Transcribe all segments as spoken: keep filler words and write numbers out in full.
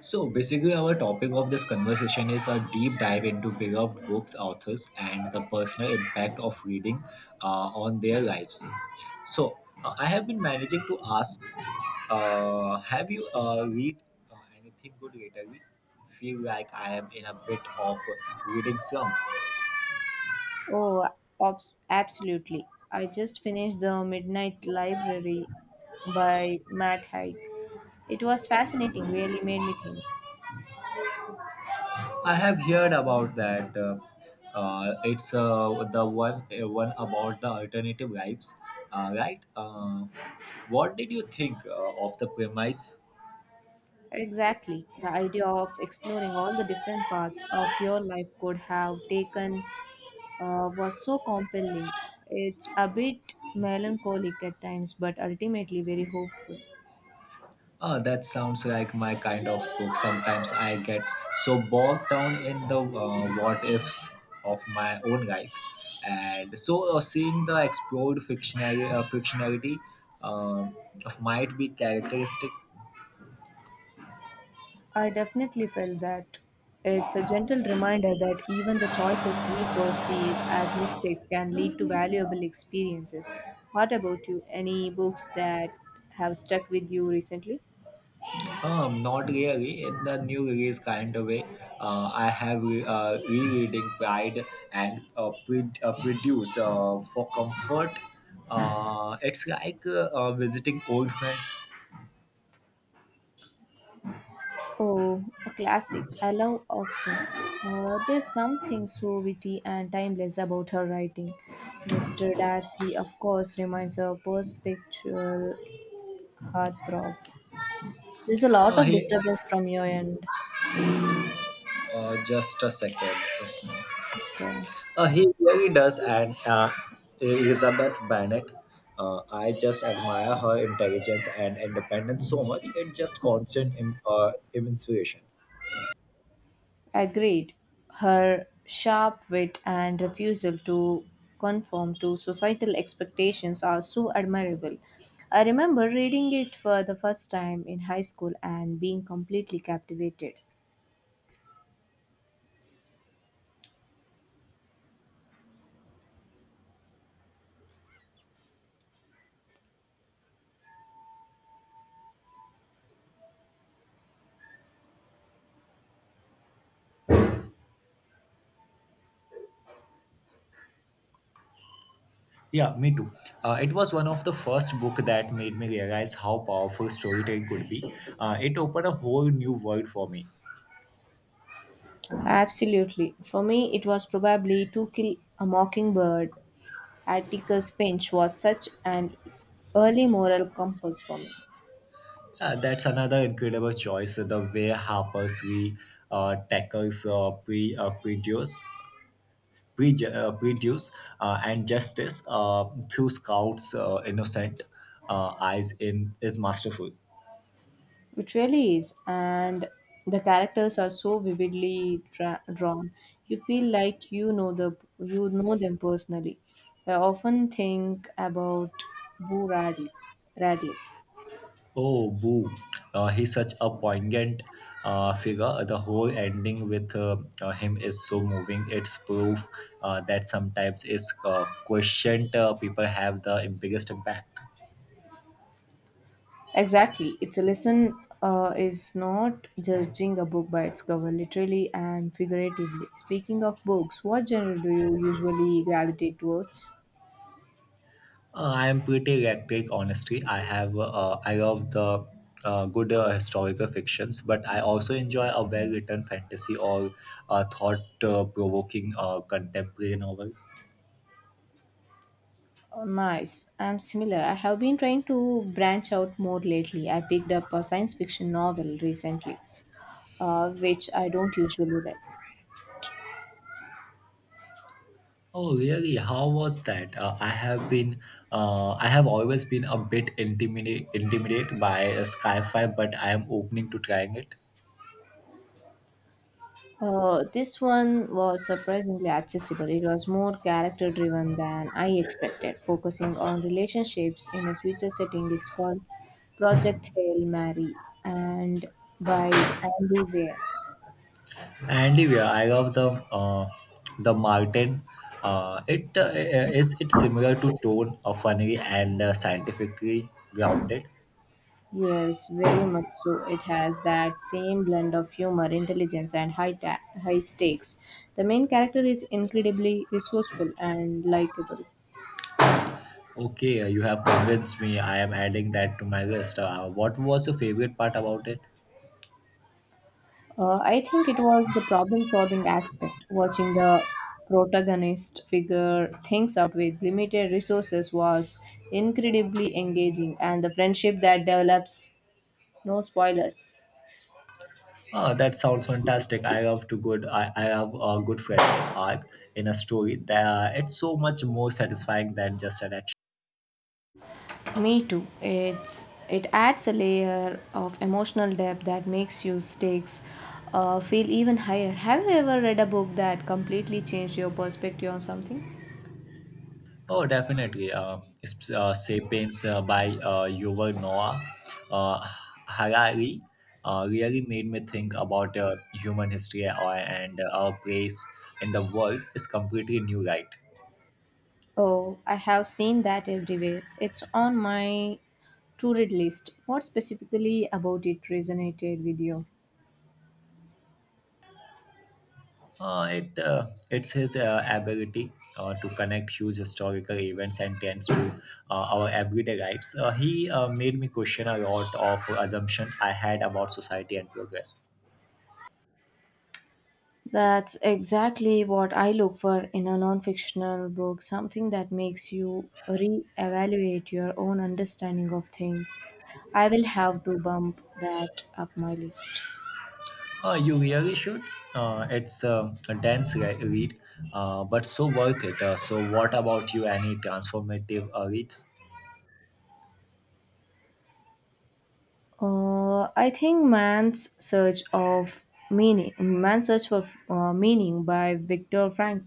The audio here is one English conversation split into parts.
So basically, our topic of this conversation is a deep dive into beloved books, authors, and the personal impact of reading uh, on their lives. So uh, I have been managing to ask, uh, have you uh, read uh, anything good lately? Feel like I am in a bit of reading slump. Oh, abs- absolutely. I just finished The Midnight Library by Matt Haig. It was fascinating, really made me think. I have heard about that. Uh, uh, it's uh, the one uh, one about the alternative lives, uh, right? Uh, what did you think uh, of the premise? Exactly. The idea of exploring all the different paths of your life could have taken uh, was so compelling. It's a bit melancholic at times, but ultimately very hopeful. Uh, that sounds like my kind of book. Sometimes I get so bogged down in the uh, what ifs of my own life, and so uh, seeing the explored fictionality, uh, fictionality um might be characteristic. I definitely felt that. It's a gentle reminder that even the choices we perceive as mistakes can lead to valuable experiences. What about you? Any books that have stuck with you recently? Um, not really in the new release kind of way. Uh, I have re- uh, rereading Pride and uh, pre- uh, Produce uh, for comfort. Uh, it's like uh, uh, visiting old friends. Oh, a classic. I love Austen. Uh, there's something so witty and timeless about her writing. mister Darcy, of course, remains a perpetual heartthrob. There's a lot Uh, of he, disturbance from your end. uh, just a second. Okay. Uh, he really does, and uh, Elizabeth Bennet. Uh, I just admire her intelligence and independence so much. It's just constant im- uh, inspiration. Agreed. Her sharp wit and refusal to conform to societal expectations are so admirable. I remember reading it for the first time in high school and being completely captivated. Yeah, me too. Uh, it was one of the first book that made me realize how powerful storytelling could be. Uh, it opened a whole new world for me. Absolutely. For me, it was probably To Kill a Mockingbird. Atticus Finch was such an early moral compass for me. Uh, that's another incredible choice. The way Harper's Lee uh, tackles uh, pre uh, prejudice, preju- uh, prejudice uh, and justice, uh, through Scout's uh, innocent uh, eyes in is masterful. It really is, and the characters are so vividly dra- drawn. You feel like you know the you know them personally. I often think about Boo Radley. Radley. Oh, boo. Uh, he's such a poignant uh, figure. The whole ending with uh, uh, him is so moving. It's proof uh, that sometimes it's uh, questioned uh, people have the biggest impact. Exactly, it's a lesson. Uh, is not judging a book by its cover, literally and figuratively. Speaking of books, what genre do you usually gravitate towards? Uh, I am pretty eclectic, honestly. I have uh, I love the uh, good uh, historical fictions, but I also enjoy a well-written fantasy or uh, thought-provoking uh, contemporary novel. Oh, nice. I'm similar. I have been trying to branch out more lately. I picked up a science fiction novel recently, uh, which I don't usually read. Oh, really? How was that? Uh, I have been, uh, I have always been a bit intimidate, intimidated by uh, Skyfi, but I am opening to trying it. Uh, this one was surprisingly accessible. It was more character driven than I expected, focusing on relationships in a future setting. It's called Project Hail Mary and by Andy Weir. And yeah, I love the uh, the Martin. Uh, it uh, uh, is it similar to Tone, uh, funny and uh, scientifically grounded. Yes, very much so. It has that same blend of humor, intelligence, and high ta- high stakes. The main character is incredibly resourceful and likable. Okay, uh, you have convinced me. I am adding that to my list. Uh, what was your favorite part about it? Uh, I think it was the problem-solving aspect. Watching the protagonist figure things out with limited resources was incredibly engaging, and the friendship that develops. No spoilers. Ah, that sounds fantastic. I have to good. I, I have a good friend arc in a story. That uh, it's so much more satisfying than just an action. Me too. It's it adds a layer of emotional depth that makes your stakes uh, feel even higher. Have you ever read a book that completely changed your perspective on something? Oh, definitely. Uh, it's, uh, *Sapiens* uh, by uh, Yuval Noah uh, Harari uh, really made me think about uh, human history uh, and uh, our place in the world is completely new, right? Oh, I have seen that everywhere. It's on my to read list. What specifically about it resonated with you? Uh, it uh, it's his uh, ability uh, to connect huge historical events and trends to uh, our everyday lives. Uh, he uh, made me question a lot of assumption I had about society and progress. That's exactly what I look for in a non fictional book something that makes you re evaluate your own understanding of things. I will have to bump that up my list. Uh, you really should. Uh, it's um, a dense re- read, uh, but so worth it. Uh, so, what about you? Any transformative uh, reads? Uh, I think Man's Search of Meaning, Man's Search for uh, Meaning by Viktor Frankl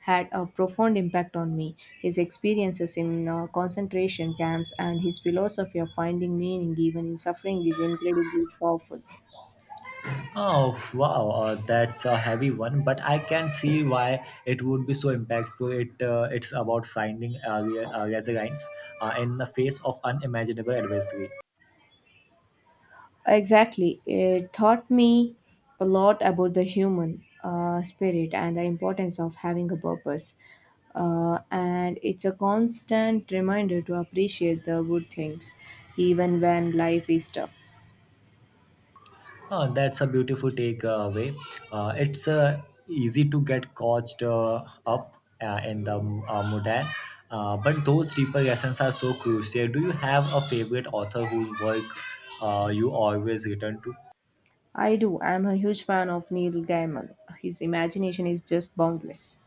had a profound impact on me. His experiences in uh, concentration camps and his philosophy of finding meaning even in suffering is incredibly powerful. Oh wow, uh, that's a heavy one, but I can see why it would be so impactful. It uh, it's about finding uh, re- uh, resilience uh, in the face of unimaginable adversity. Exactly. It taught me a lot about the human uh, spirit and the importance of having a purpose. Uh, and it's a constant reminder to appreciate the good things, even when life is tough. Uh, that's a beautiful takeaway. Uh, it's uh, easy to get caught uh, up uh, in the uh, modern, uh, but those deeper lessons are so crucial. Do you have a favorite author whose work uh, you always return to? I do. I'm a huge fan of Neil Gaiman. His imagination is just boundless.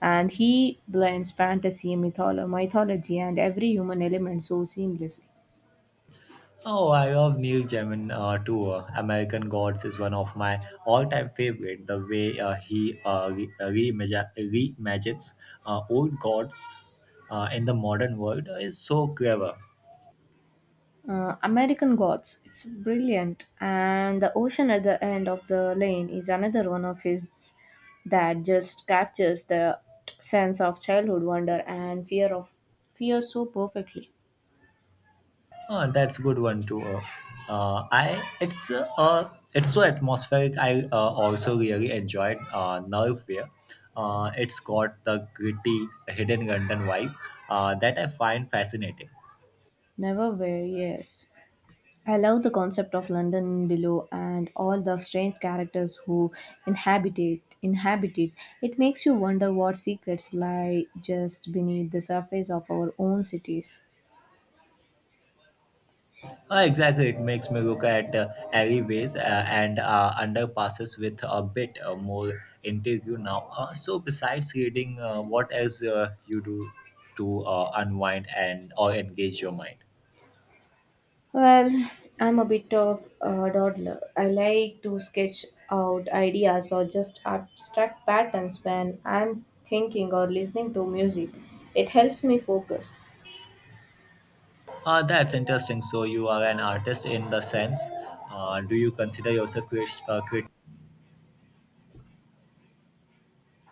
And he blends fantasy, mytholo- mythology, and every human element so seamlessly. Oh, I love Neil Gaiman uh, too. Uh, American Gods is one of my all-time favorite. The way uh, he uh, re- reimagi- reimagines uh, old gods uh, in the modern world is so clever. Uh, American Gods. It's brilliant. And The Ocean at the End of the Lane is another one of his that just captures the sense of childhood wonder and fear of fear so perfectly. Oh, that's good one too. Uh, uh, I it's uh, uh, it's so atmospheric. I uh, also really enjoyed uh, Nerve. Uh, it's got the gritty, hidden London vibe uh, that I find fascinating. Never were, yes. I love the concept of London below and all the strange characters who inhabit it. Inhabit it. It makes you wonder what secrets lie just beneath the surface of our own cities. Uh, exactly, it makes me look at uh, alleyways uh, and uh, underpasses with a bit uh, more interior now. Uh, so, besides reading, uh, what else uh, you do to uh, unwind and or engage your mind? Well, I'm a bit of a dawdler. I like to sketch out ideas or just abstract patterns when I'm thinking or listening to music. It helps me focus. Uh, that's interesting. So, you are an artist in the sense. Uh, do you consider yourself crea- uh,